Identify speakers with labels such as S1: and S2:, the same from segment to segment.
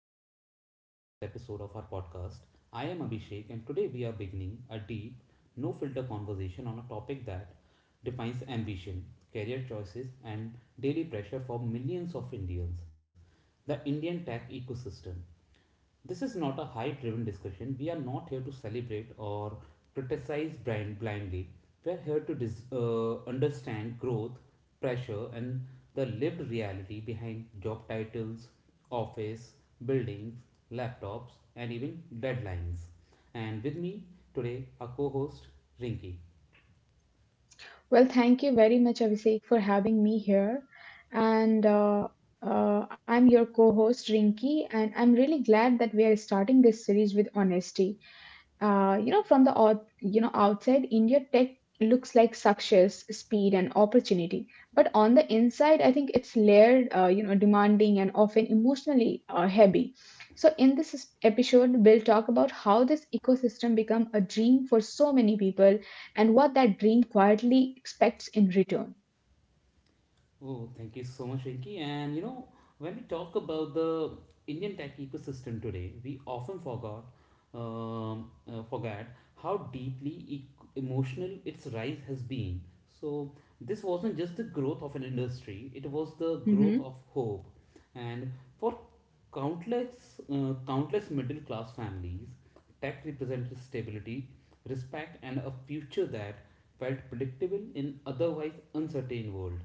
S1: energetic and honest episode of our podcast. I am Abhishek, and today we are beginning a deep, no filter conversation on a topic that defines ambition, career choices, and daily pressure for millions of Indians, the Indian tech ecosystem. This is not a hype driven discussion. We are not here to celebrate or criticize brand blindly. We are here to understand growth, pressure, and the lived reality behind job titles, office, buildings, laptops, and even deadlines. And with me today, our co host Rinki.
S2: Well, thank you very much, Abhishek, for having me here. And I'm your co host, Rinki, and I'm really glad that we are starting this series with honesty from the outside, India tech looks like success, speed, and opportunity. But on the inside, I think it's layered, demanding and often emotionally heavy. So in this episode, we'll talk about how this ecosystem become a dream for so many people, and what that dream quietly expects in return.
S1: Oh, thank you so much, Rinki. And you know, when we talk about the Indian tech ecosystem today, we often forgot, forget how deeply e- emotional its rise has been. So this wasn't just the growth of an industry; it was the growth
S2: Mm-hmm.
S1: of hope, and for countless, countless middle class families, tech represented stability, respect, and a future that felt predictable in otherwise uncertain world.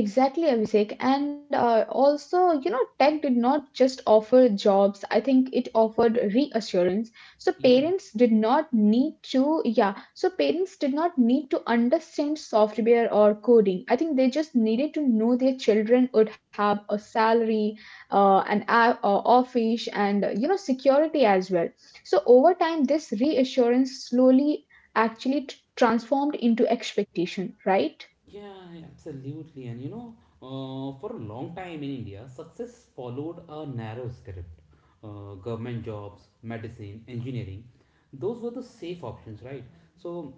S2: Exactly, Abhishek. And tech did not just offer jobs. I think it offered reassurance. So
S1: Yeah,
S2: parents did not need to, yeah, so parents did not need to understand software or coding. I think they just needed to know their children would have a salary, an office, and security as well. So over time, this reassurance slowly actually transformed into expectation, right?
S1: yeah, absolutely. And you know, for a long time in India, success followed a narrow script. Government jobs, medicine, engineering, those were the safe options, right? So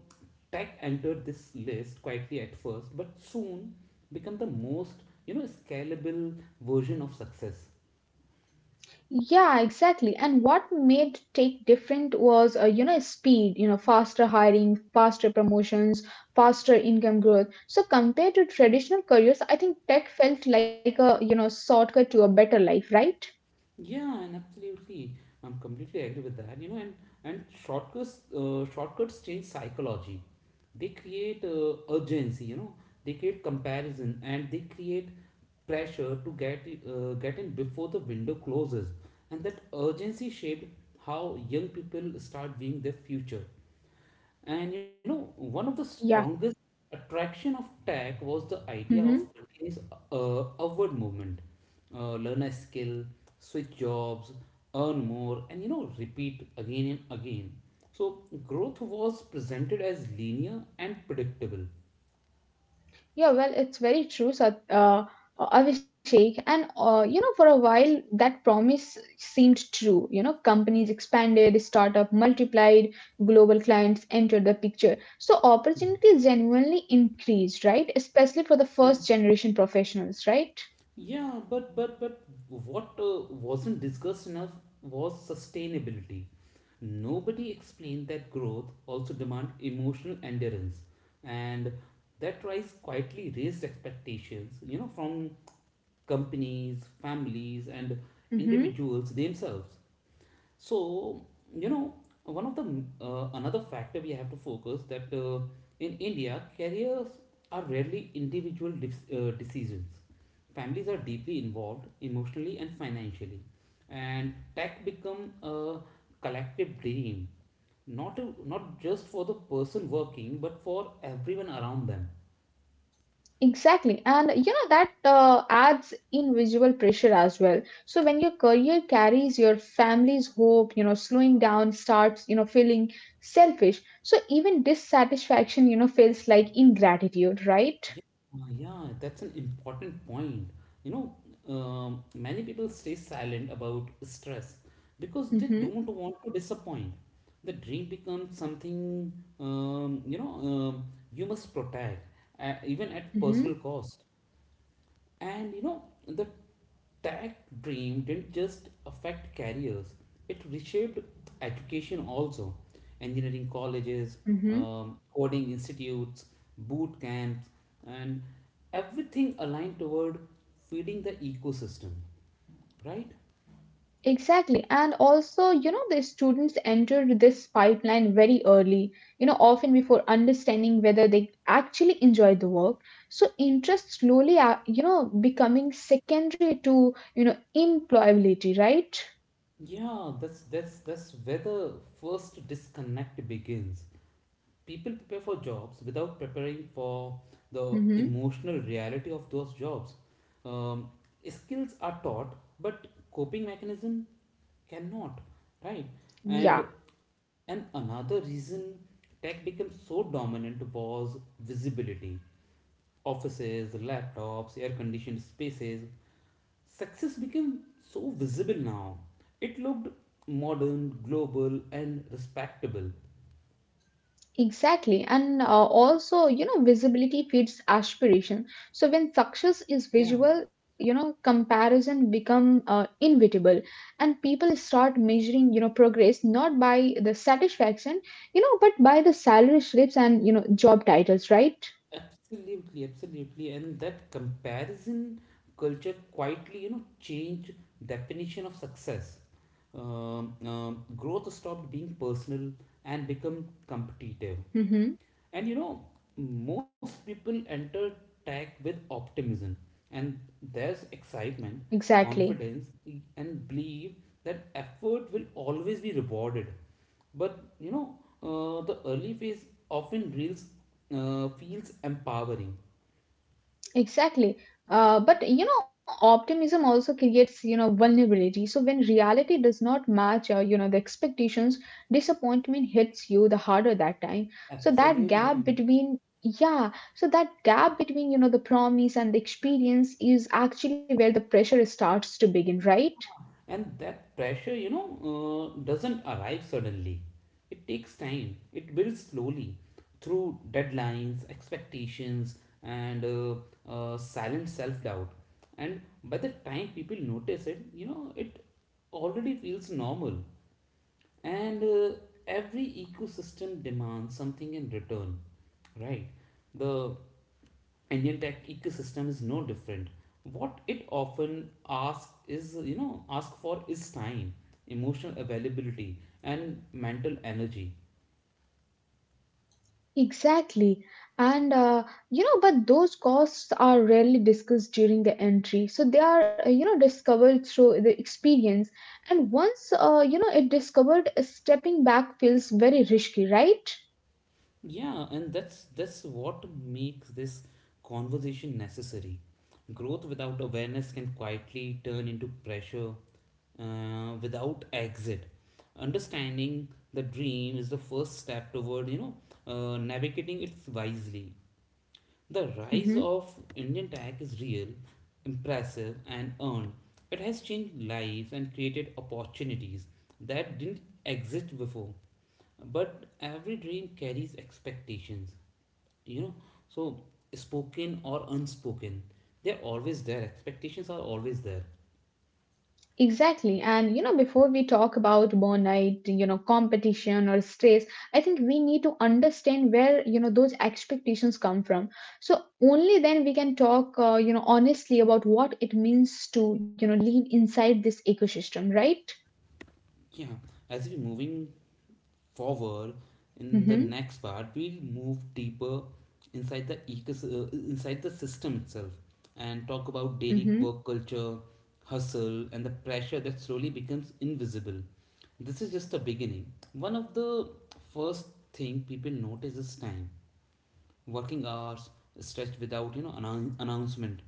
S1: tech entered this list quietly at first, but soon became the most, you know, scalable version of success.
S2: Yeah, exactly. And what made Tech different was speed, you know, faster hiring, faster promotions, faster income growth. So compared to traditional careers, I think tech felt like a shortcut to a better life, right?
S1: Yeah, and absolutely, I'm completely agree with that. You know, and shortcuts change psychology. They create urgency. You know, they create comparison, and they create pressure to get in before the window closes. And that urgency shaped how young people start viewing their future. And you know, one of the strongest
S2: Yeah.
S1: attraction of tech was the idea of
S2: Hmm.
S1: continuous upward movement. Learn a skill, switch jobs, earn more, and you know, repeat again and again. So growth was presented as linear and predictable.
S2: Yeah, well, it's very true, Abhishek. And for a while, that promise seemed true. You know, companies expanded, startup multiplied, global clients entered the picture. So
S1: Yeah,
S2: opportunity genuinely increased, right? Especially for the
S1: yeah.
S2: first generation professionals, right?
S1: Yeah, but what wasn't discussed enough was sustainability. Nobody explained that growth also demand emotional endurance, and that rise quietly raised expectations. You know, from companies, families, and
S2: Mm-hmm.
S1: individuals themselves. So, you know, one of the another factor we have to focus that in India, careers are rarely individual decisions. Families are deeply involved emotionally and financially, and tech become a collective dream, not just for the person working, but for everyone around them.
S2: Exactly. And you know that adds in visual pressure as well. So when your career carries your family's hope, you know, slowing down starts, you know, feeling selfish. So even dissatisfaction, you know, feels like ingratitude, right?
S1: Yeah, yeah, that's an important point. You know, many people stay silent about stress because they
S2: Mm-hmm.
S1: don't want to disappoint. The dream becomes something, um, you know, um, you must protect, even at
S2: Mm-hmm.
S1: personal cost. And you know, the that dream didn't just affect careers, it reshaped education also. Engineering colleges,
S2: Mm-hmm.
S1: coding institutes, boot camps, and everything aligned toward feeding the ecosystem, right?
S2: Exactly. And also, you know, the students enter this pipeline very early, you know, often before understanding whether they actually enjoy the work. So interest slowly, are, you know, becoming secondary to, you know, employability, right?
S1: Yeah, that's where the first disconnect begins. People prepare for jobs without preparing for the
S2: Mm-hmm.
S1: emotional reality of those jobs. Um, Skills are taught, but coping mechanism cannot, right? And
S2: Yeah.
S1: and another reason tech became so dominant was visibility. Offices, laptops, air-conditioned spaces. Success became so visible now. It looked modern, global, and respectable.
S2: Exactly, and visibility feeds aspiration. So when success is
S1: Yeah.
S2: visual, you know, comparison become inevitable, and people start measuring, you know, progress not by the satisfaction, you know, but by the salary slips and you know job titles, right?
S1: Absolutely, absolutely. And that comparison culture quietly, you know, change definition of success. Growth stopped being personal and become competitive.
S2: Mm-hmm.
S1: And you know, most people enter tech with optimism, and there's excitement,
S2: Exactly.
S1: confidence, and belief that effort will always be rewarded. But you know, the early phase often reels, feels empowering.
S2: Exactly. But you know, optimism also creates, you know, vulnerability. So when reality does not match, the expectations, disappointment hits you the harder that time. So that
S1: Absolutely, yeah.
S2: gap between, you know, the promise and the experience is actually where the pressure starts to begin, right?
S1: And that pressure, you know, doesn't arrive suddenly. It takes time, it builds slowly through deadlines, expectations, and silent self doubt. And by the time people notice it, you know, it already feels normal. And every ecosystem demands something in return, right? The Indian tech ecosystem is no different. What it often asks is, you know, ask for is time, emotional availability, and mental energy.
S2: Exactly. And but those costs are rarely discussed during the entry. So they are, discovered through the experience. And once, it discovered, stepping back feels very risky, right?
S1: Yeah, and that's what makes this conversation necessary. Growth without awareness can quietly turn into pressure without exit. Understanding the dream is the first step toward, you know, navigating it wisely. The rise
S2: Mm-hmm.
S1: of Indian tech is real, impressive, and earned. It has changed lives and created opportunities that didn't exist before. But every dream carries expectations, you know. So, spoken or unspoken, they're always there. Expectations are always there.
S2: Exactly. And, you know, before we talk about burnout, you know, competition or stress, I think we need to understand where, you know, those expectations come from. So only then we can talk honestly about what it means to, you know, live inside this ecosystem, right?
S1: Yeah, as we're moving forward, in the
S2: Mm-hmm.
S1: next part we'll move deeper inside inside the system itself, and talk about daily
S2: Mm-hmm.
S1: work culture, hustle, and the pressure that slowly becomes invisible. This is just the beginning. One of the first thing people notice is time. Working hours stretched without you know announcement.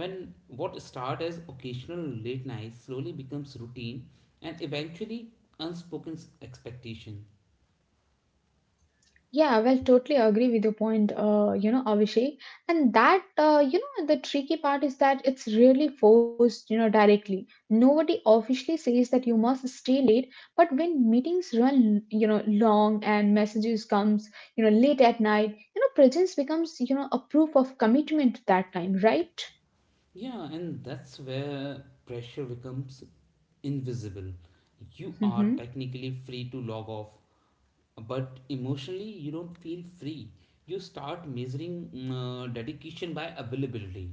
S1: When what start as occasional late nights slowly becomes routine, and eventually unspoken expectation.
S2: Yeah, well, totally agree with your point, Abhishek. And that, the tricky part is that it's really forced, you know, directly. Nobody officially says that you must stay late, but when meetings run, you know, long and messages comes, you know, late at night, you know, presence becomes, you know, a proof of commitment that time, right?
S1: Yeah, and that's where pressure becomes invisible. You are
S2: Mm-hmm.
S1: technically free to log off, but emotionally, you don't feel free. You start measuring dedication by availability.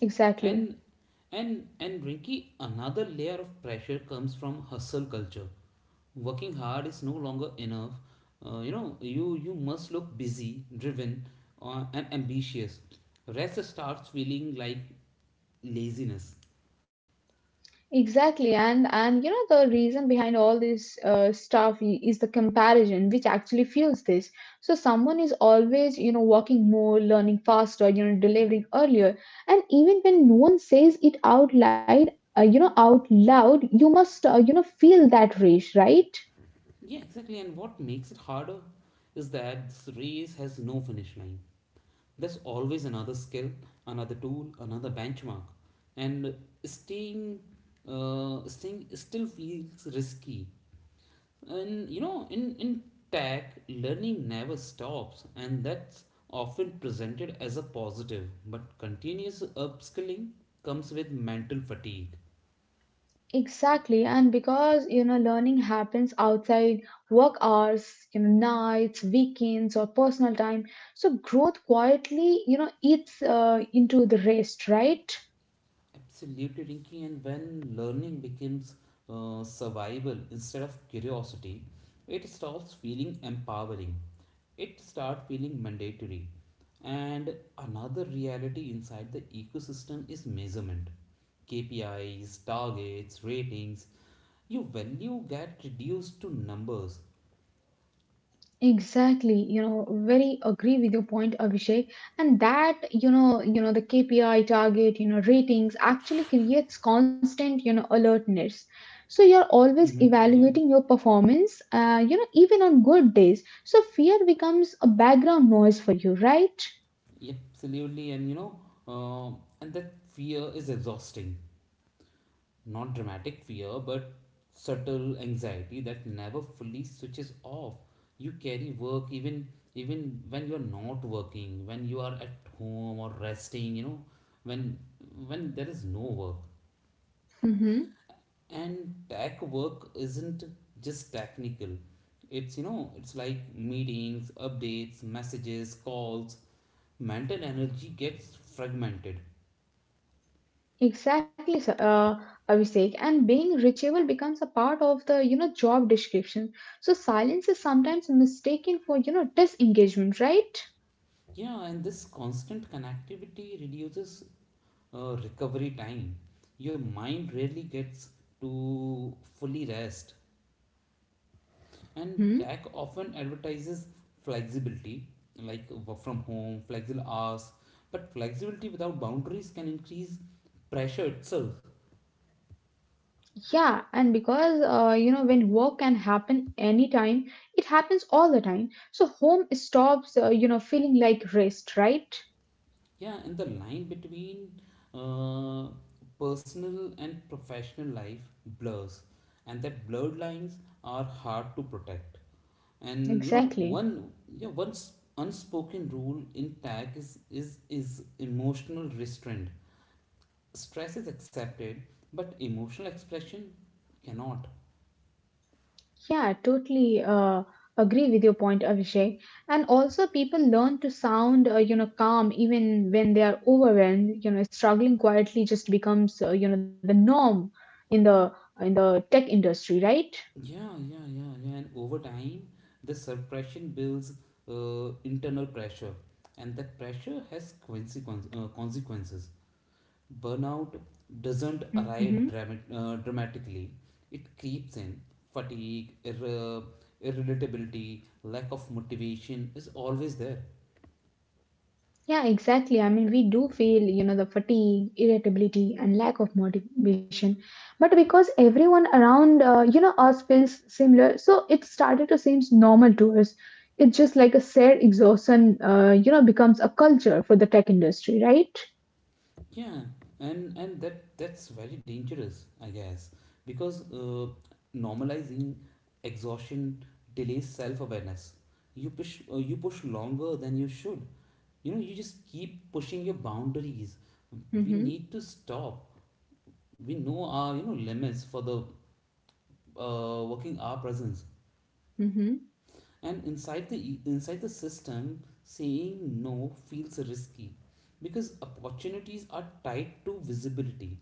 S2: Exactly.
S1: And and Rinky, another layer of pressure comes from hustle culture. Working hard is no longer enough. You know, you must look busy, driven, and ambitious. Rest starts feeling like laziness.
S2: Exactly, and you know the reason behind all this stuff is the comparison, which actually fuels this. So someone is always you know walking more, learning faster, you know delivering earlier, and even when no one says it out loud, out loud, you must you know feel that rush, right?
S1: Yeah, exactly. And what makes it harder is that this race has no finish line. There's always another skill, another tool, another benchmark, and staying, staying still feels risky. And you know, in tech, learning never stops, and that's often presented as a positive. But continuous upskilling comes with mental fatigue.
S2: Exactly, and because you know learning happens outside work hours, you know nights, weekends, or personal time, so growth quietly you know eats into the rest, right?
S1: Absolutely, Rinky. And when learning becomes survival instead of curiosity, it stops feeling empowering. It starts feeling mandatory. And another reality inside the ecosystem is measurement. KPIs, targets, ratings. Your value get reduced to numbers.
S2: Exactly, you know, very agree with your point, Abhishek. And that, you know, the KPI target, you know, ratings actually creates constant, you know, alertness. So you're always
S1: Mm-hmm. Yeah,
S2: evaluating your performance, even on good days. So fear becomes a background noise for you, right?
S1: absolutely. And you know, uh, and that fear is exhausting. Not dramatic fear, but subtle anxiety that never fully switches off. You carry work even when you're not working, when you are at home or resting, you know, when when there is no work.
S2: Hmm.
S1: And tech work isn't just technical. It's you know, it's like meetings, updates, messages, calls. Mental energy gets fragmented.
S2: Exactly, Abhishek. And being reachable becomes a part of the, you know, job description. So silence is sometimes mistaken for, you know, disengagement, right?
S1: Yeah, and this constant connectivity reduces recovery time. Your mind rarely gets to fully rest, and tech often advertises flexibility, like work from home, flexible hours. But flexibility without boundaries can increase pressure itself.
S2: Yeah, and because you know when work can happen anytime, it happens all the time. So home stops, feeling like rest, right?
S1: Yeah, and the line between uh, personal and professional life blurs, and that blurred lines are hard to protect. And you know,
S2: Exactly.
S1: one unspoken rule in tag is emotional restraint. Stress is accepted, but emotional expression cannot.
S2: Yeah, totally agree with your point, Abhishek. And also, people learn to sound, calm even when they are overwhelmed. You know, struggling quietly just becomes, the norm in the in the tech industry, right?
S1: Yeah. And over time the suppression builds internal pressure, and that pressure has consequences. Burnout doesn't arrive
S2: Hmm.
S1: dramatically, it creeps in. Fatigue, irritability, lack of motivation is always there.
S2: Yeah, exactly. I mean, we do feel, you know, the fatigue, irritability, and lack of motivation. But because everyone around, us feels similar, so it started to seem normal to us. It's just like a shared exhaustion, becomes a culture for the tech industry, right?
S1: Yeah, and that's very dangerous, I guess, because normalizing exhaustion delays self awareness. You push longer than you should. You know, you just keep pushing your boundaries. We
S2: Mm-hmm.
S1: need to stop. We know our you know limits for the working our presence.
S2: Mm-hmm.
S1: And inside inside the system, saying no feels risky because opportunities are tied to visibility.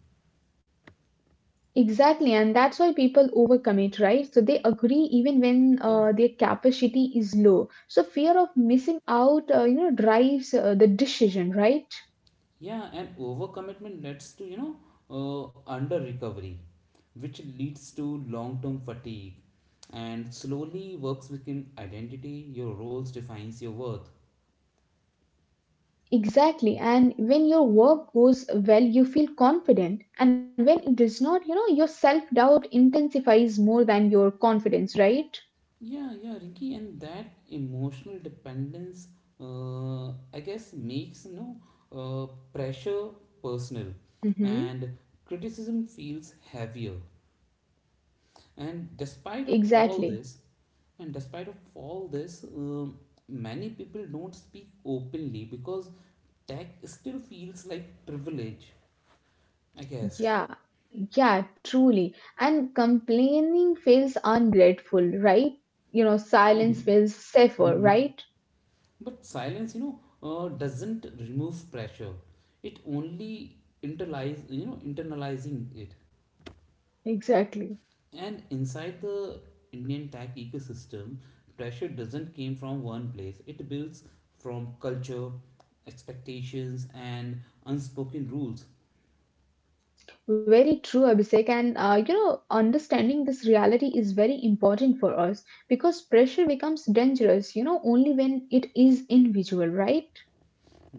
S2: Exactly, and that's why people overcommit, right? So they agree even when
S1: yeah
S2: their capacity is low. So fear of missing out, drives the decision, right?
S1: yeah And overcommitment leads to you know uh, under recovery, which leads to long term fatigue. And slowly works within identity, your roles defines your worth.
S2: Exactly, and when your work goes well, you feel confident, and when it does not, you know, your self doubt intensifies more than your confidence, right?
S1: Yeah, yeah, Ricky, and that emotional dependence, uh, I guess, makes you know uh, pressure personal,
S2: Mm-hmm.
S1: and criticism feels heavier. And despite of all
S2: Exactly.
S1: this, and despite of all this, many people don't speak openly because tech still feels like privilege, I guess.
S2: Yeah, yeah, truly. And complaining feels ungrateful, right? You know, silence
S1: Mm-hmm.
S2: feels safer,
S1: Mm-hmm.
S2: right?
S1: But silence, you know, doesn't remove pressure. It only internalizing it.
S2: Exactly.
S1: And inside the Indian tech ecosystem, pressure doesn't came from one place. It builds from culture, expectations, and unspoken rules.
S2: Very true, Abhishek. And understanding this reality is very important for us because pressure becomes dangerous, you know, only when it is invisible, right?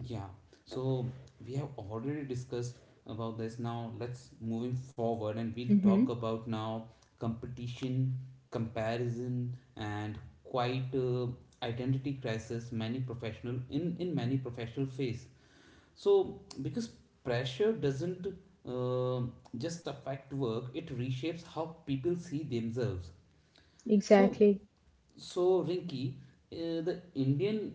S1: Yeah, so we have already discussed about this. Now let's moving forward and we'll talk
S2: Mm-hmm.
S1: about now competition, comparison, and quite identity crisis many professional in many professional face. So because pressure doesn't uh, just affect work, it reshapes how people see themselves. So
S2: Exactly.
S1: so Rinky, the Indian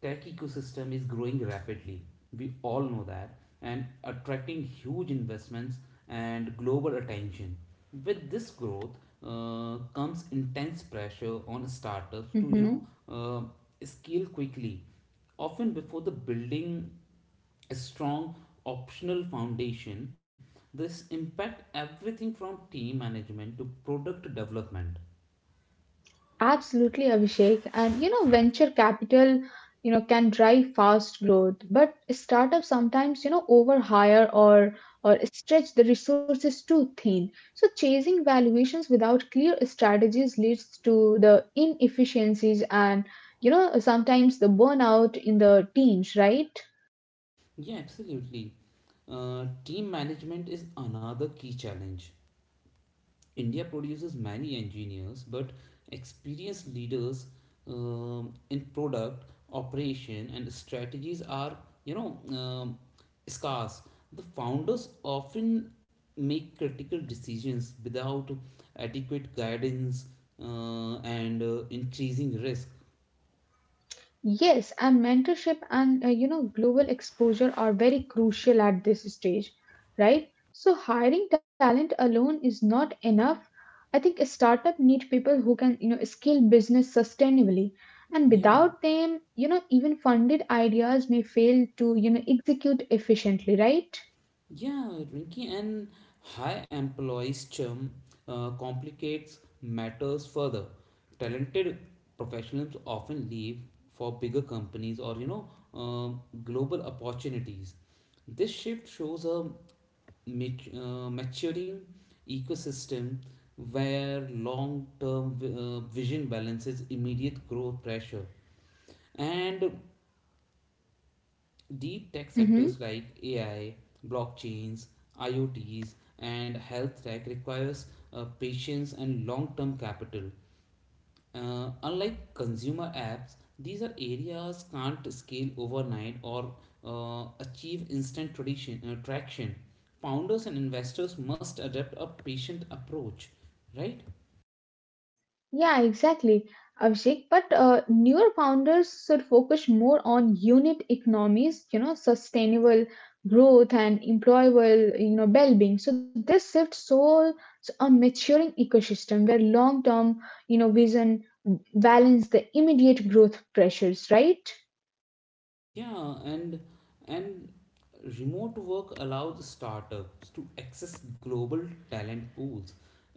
S1: tech ecosystem is growing rapidly. We all know that, and attracting huge investments and global attention. With this growth comes intense pressure on startups to you know
S2: Mm-hmm.
S1: scale quickly, often before the building a strong optional foundation. This impact everything from team management to product development.
S2: Absolutely, Abhishek. And you know, venture capital, you know, can drive fast growth, but startups sometimes, you know, overhire or stretch the resources too thin. So chasing valuations without clear strategies leads to the inefficiencies and, you know, sometimes the burnout in the teams, right?
S1: Yeah, absolutely. Team management is another key challenge. India produces many engineers, but experienced leaders in product operation and strategies are, you know, scarce. The founders often make critical decisions without adequate guidance and increasing risk.
S2: Yes, and mentorship and, global exposure are very crucial at this stage, right? So hiring talent alone is not enough. I think a startup need people who can, you know, scale business sustainably. And
S1: Yeah.
S2: without them, you know, even funded ideas may fail to, you know, execute efficiently, right?
S1: Yeah, Rinky, and high employees churn complicates matters further. Talented professionals often leave for bigger companies or you know global opportunities. This shift shows a maturing ecosystem where long-term vision balances immediate growth pressure. And Deep tech sectors
S2: Mm-hmm.
S1: like AI, blockchains, IoTs, and health tech requires patience and long-term capital. Unlike consumer apps, these are areas can't scale overnight or achieve instant traction. Founders and investors must adopt a patient approach, right?
S2: Yeah, exactly, Abhishek. But newer founders should focus more on unit economies, you know, sustainable growth and employable, you know, well-being. So this shifts so a maturing ecosystem where long-term, you know, vision balance the immediate growth pressures, right?
S1: Yeah, and remote work allows startups to access global talent pools.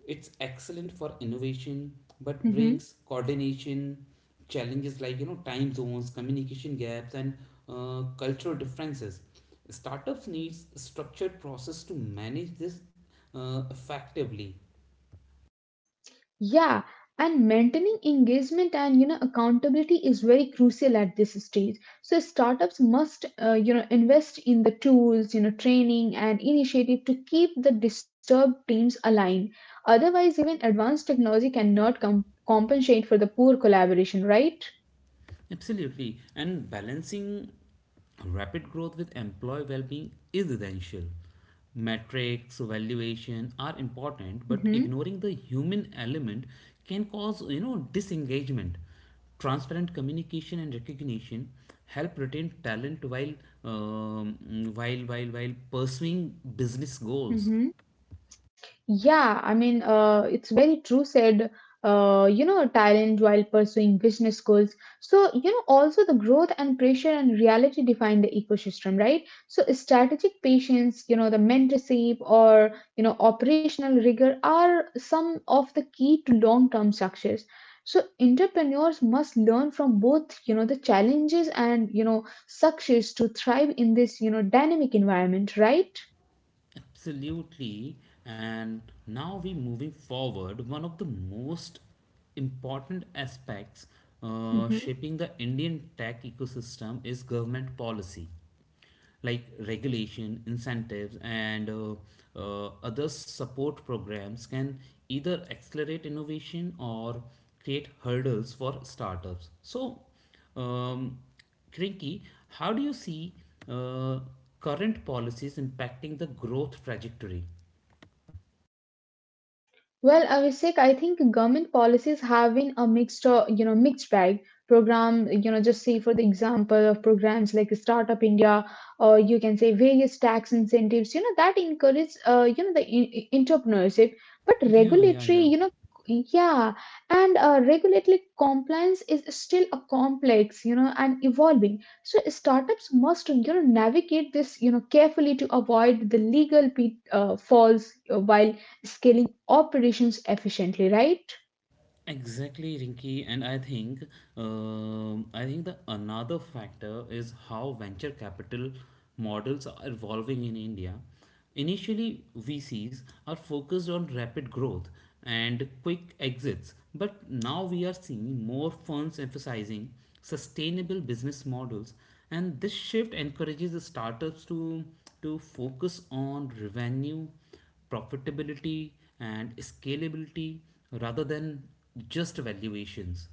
S1: It's excellent for innovation, but
S2: Mm-hmm.
S1: brings coordination challenges like time zones, communication gaps, and cultural differences. Startups needs structured process to manage this effectively.
S2: Yeah, and maintaining engagement and you know accountability is very crucial at this stage. So startups must you know invest in the tools, you know training and initiative to keep the disturbed teams aligned. Otherwise, even advanced technology cannot compensate for the poor collaboration, right?
S1: Absolutely. And balancing rapid growth with employee well being is essential. Metrics, valuation are important, but
S2: Mm-hmm.
S1: ignoring the human element can cause disengagement. Transparent communication and recognition help retain talent um, while pursuing business goals.
S2: Mm-hmm. Yeah, I mean, it's very true said, talent while pursuing business goals. So, you know, also the growth and pressure and reality define the ecosystem, right? So, strategic patience, you know, the mentorship or, you know, operational rigor are some of the key to long-term success. So, entrepreneurs must learn from both, you know, the challenges and, you know, success to thrive in this, you know, dynamic environment, right?
S1: Absolutely. And now we're moving forward. One of the most important aspects shaping the Indian tech ecosystem is government policy, like regulation, incentives, and other support programs can either accelerate innovation or create hurdles for startups. So, um, Krinki, how do you see uh, current policies impacting the growth trajectory?
S2: Well, Abhishek, I think government policies have been a mixed bag. Program, you know, just say for the example of programs like Startup India, or you can say various tax incentives, you know, that encourage, the entrepreneurship. But
S1: Yeah, yeah,
S2: regulatory,
S1: yeah.
S2: you know, yeah, and regulatory compliance is still a complex, you know, and evolving. So startups must, you know, navigate this, you know, carefully to avoid the legal pitfalls while scaling operations efficiently, right?
S1: Exactly, Rinky, and I think the another factor is how venture capital models are evolving in India. Initially, VCs are focused on rapid growth and quick exits, but now we are seeing more funds emphasizing sustainable business models, and this shift encourages the startups to focus on revenue profitability, and scalability rather than just valuations.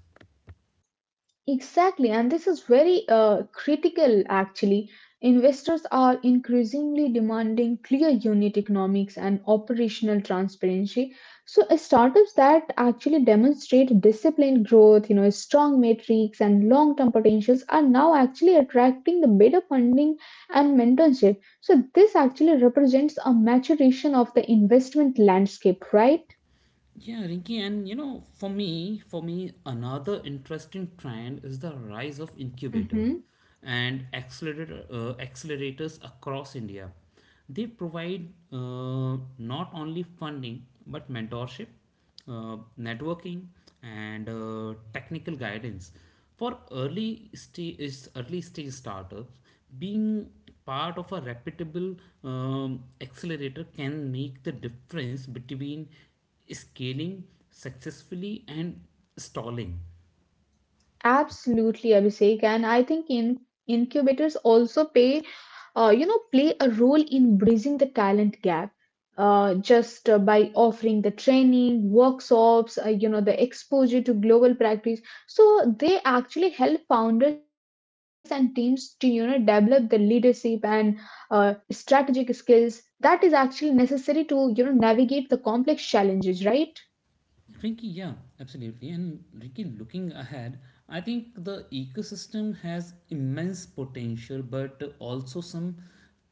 S2: Exactly, and this is very critical actually. Investors are increasingly demanding clear unit economics and operational transparency. So, startups that actually demonstrate disciplined growth, you know, strong metrics and long-term potentials are now actually attracting the better funding and mentorship. So, this actually represents a maturation of the investment landscape, right?
S1: Yeah, Rinki, and you know, for me, another interesting trend is the rise of incubator and accelerator accelerators across India. They provide not only funding but mentorship, uh, networking, and technical guidance for early stage startups being part of a reputable um, accelerator can make the difference between scaling successfully and stalling.
S2: Absolutely, Abhishek. And I think in incubators also pay, play a role in bridging the talent gap. Just by offering the training, workshops, the exposure to global practice. So they actually help founders and teams to, you know, develop the leadership and strategic skills that is actually necessary to, you know, navigate the complex challenges, right?
S1: Ricky, yeah, absolutely. And Ricky, looking ahead, I think the ecosystem has immense potential, but also some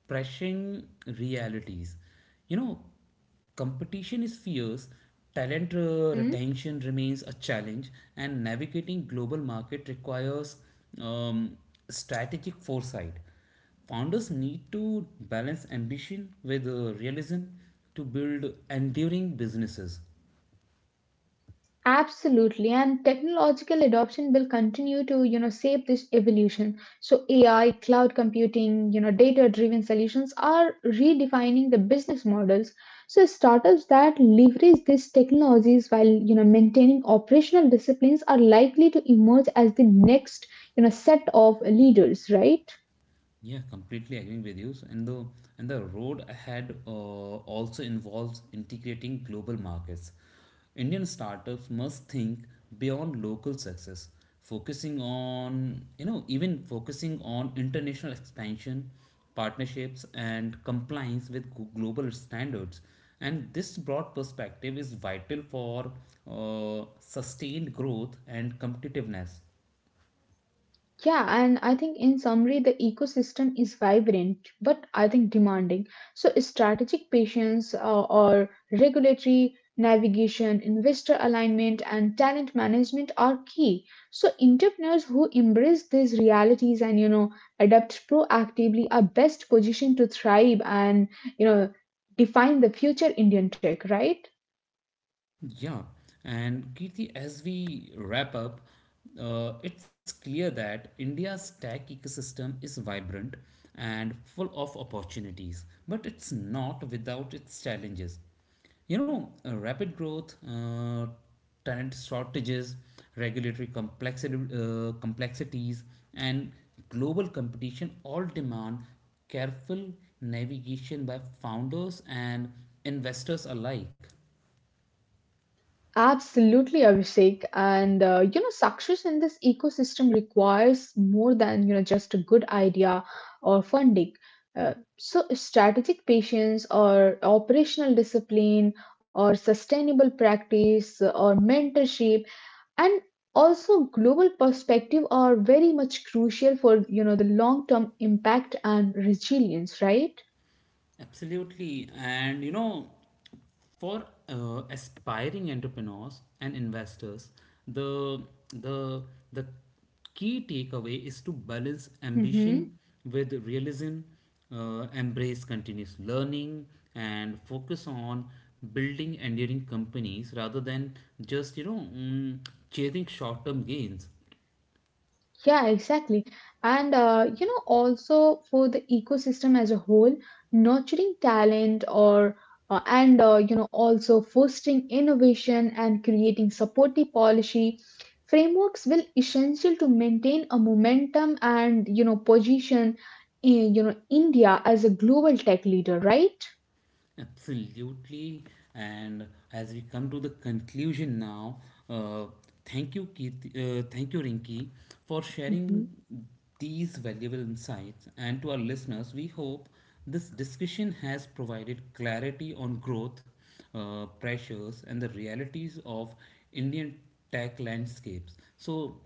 S1: pressing realities. You know, competition is fierce, talent retention remains a challenge, and navigating global market requires um, strategic foresight. Founders need to balance ambition with realism to build enduring businesses.
S2: Absolutely, and technological adoption will continue to, you know, shape this evolution. So AI, cloud computing, you know, data-driven solutions are redefining the business models. So startups that leverage these technologies while, you know, maintaining operational disciplines are likely to emerge as the next, you know, set of leaders, right?
S1: Yeah, completely agreeing with you. So, and the road ahead also involves integrating global markets. Indian startups must think beyond local success, focusing on you know even focusing on international expansion, partnerships, and compliance with global standards. And this broad perspective is vital for sustained growth and competitiveness.
S2: Yeah, and I think in summary, the ecosystem is vibrant, but I think demanding. So strategic patience, regulatory, navigation, investor alignment, and talent management are key. So entrepreneurs who embrace these realities and you know adapt proactively are best positioned to thrive and you know define the future Indian tech, right?
S1: Yeah, and Kirti, as we wrap up, it's clear that India's tech ecosystem is vibrant and full of opportunities, but it's not without its challenges. You know, rapid growth, talent shortages, regulatory complexities, and global competition all demand careful navigation by founders and investors alike.
S2: Absolutely, Abhishek. And success in this ecosystem requires more than you know just a good idea or funding. So, strategic patience or operational discipline or sustainable practice or mentorship and also global perspective are very much crucial for you know the long term impact and resilience, right?
S1: Absolutely. And you know, for aspiring entrepreneurs and investors, the the the key takeaway is to balance ambition
S2: Mm-hmm.
S1: with realism, embrace continuous learning, and focus on building enduring companies rather than just chasing short-term gains.
S2: Yeah, exactly. And also for the ecosystem as a whole, nurturing talent or also fostering innovation and creating supportive policy frameworks will essential to maintain a momentum and you know position in you know India as a global tech leader, right?
S1: Absolutely. And as we come to the conclusion now, uh, thank you, Keith, thank you, Rinki, for
S2: Mhm.
S1: sharing these valuable insights. And to our listeners, we hope this discussion has provided clarity on growth, pressures, and the realities of Indian tech landscapes. So,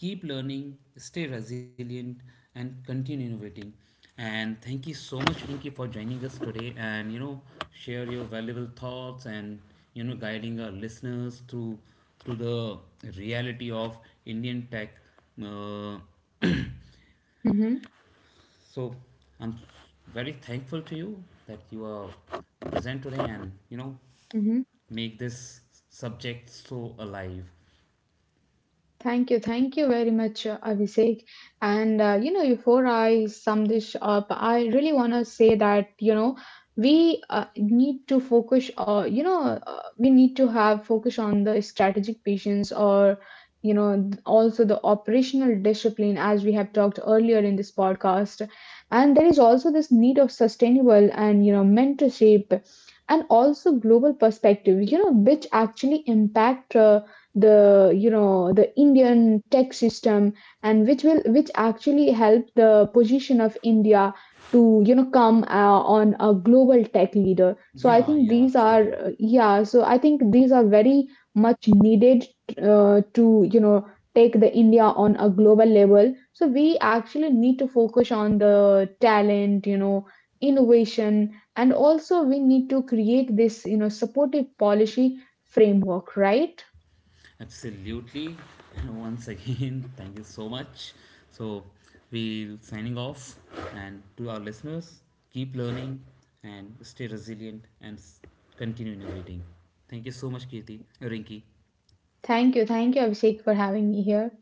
S1: keep learning, stay resilient, and continue innovating. And thank you so much, Rinki, for joining us today and you know share your valuable thoughts and you know guiding our listeners through the reality of Indian tech. Uh,
S2: Mm-hmm.
S1: so I'm very thankful to you that you are present today and you know make this subject so alive.
S2: Thank you very much, Abhishek. And before I sum this up, I really want to say that you know we need to focus. We need to have focus on the strategic patience, or you know, also the operational discipline, as we have talked earlier in this podcast. And there is also this need of sustainable and you know mentorship, and also global perspective. You know, which actually impact. The you know the Indian tech system and which actually help the position of India to you know come on a global tech leader. So I
S1: Yeah,
S2: think
S1: yeah,
S2: these are
S1: absolutely.
S2: yeah. So I think these are very much needed to you know take the India on a global level. So we actually need to focus on the talent, you know, innovation, and also we need to create this you know supportive policy framework, right?
S1: Absolutely. Once again, thank you so much. So, we're signing off. And to our listeners, keep learning and stay resilient and continue innovating. Thank you so much, Kirti, Rinki.
S2: Thank you. Thank you, Abhishek, for having me here.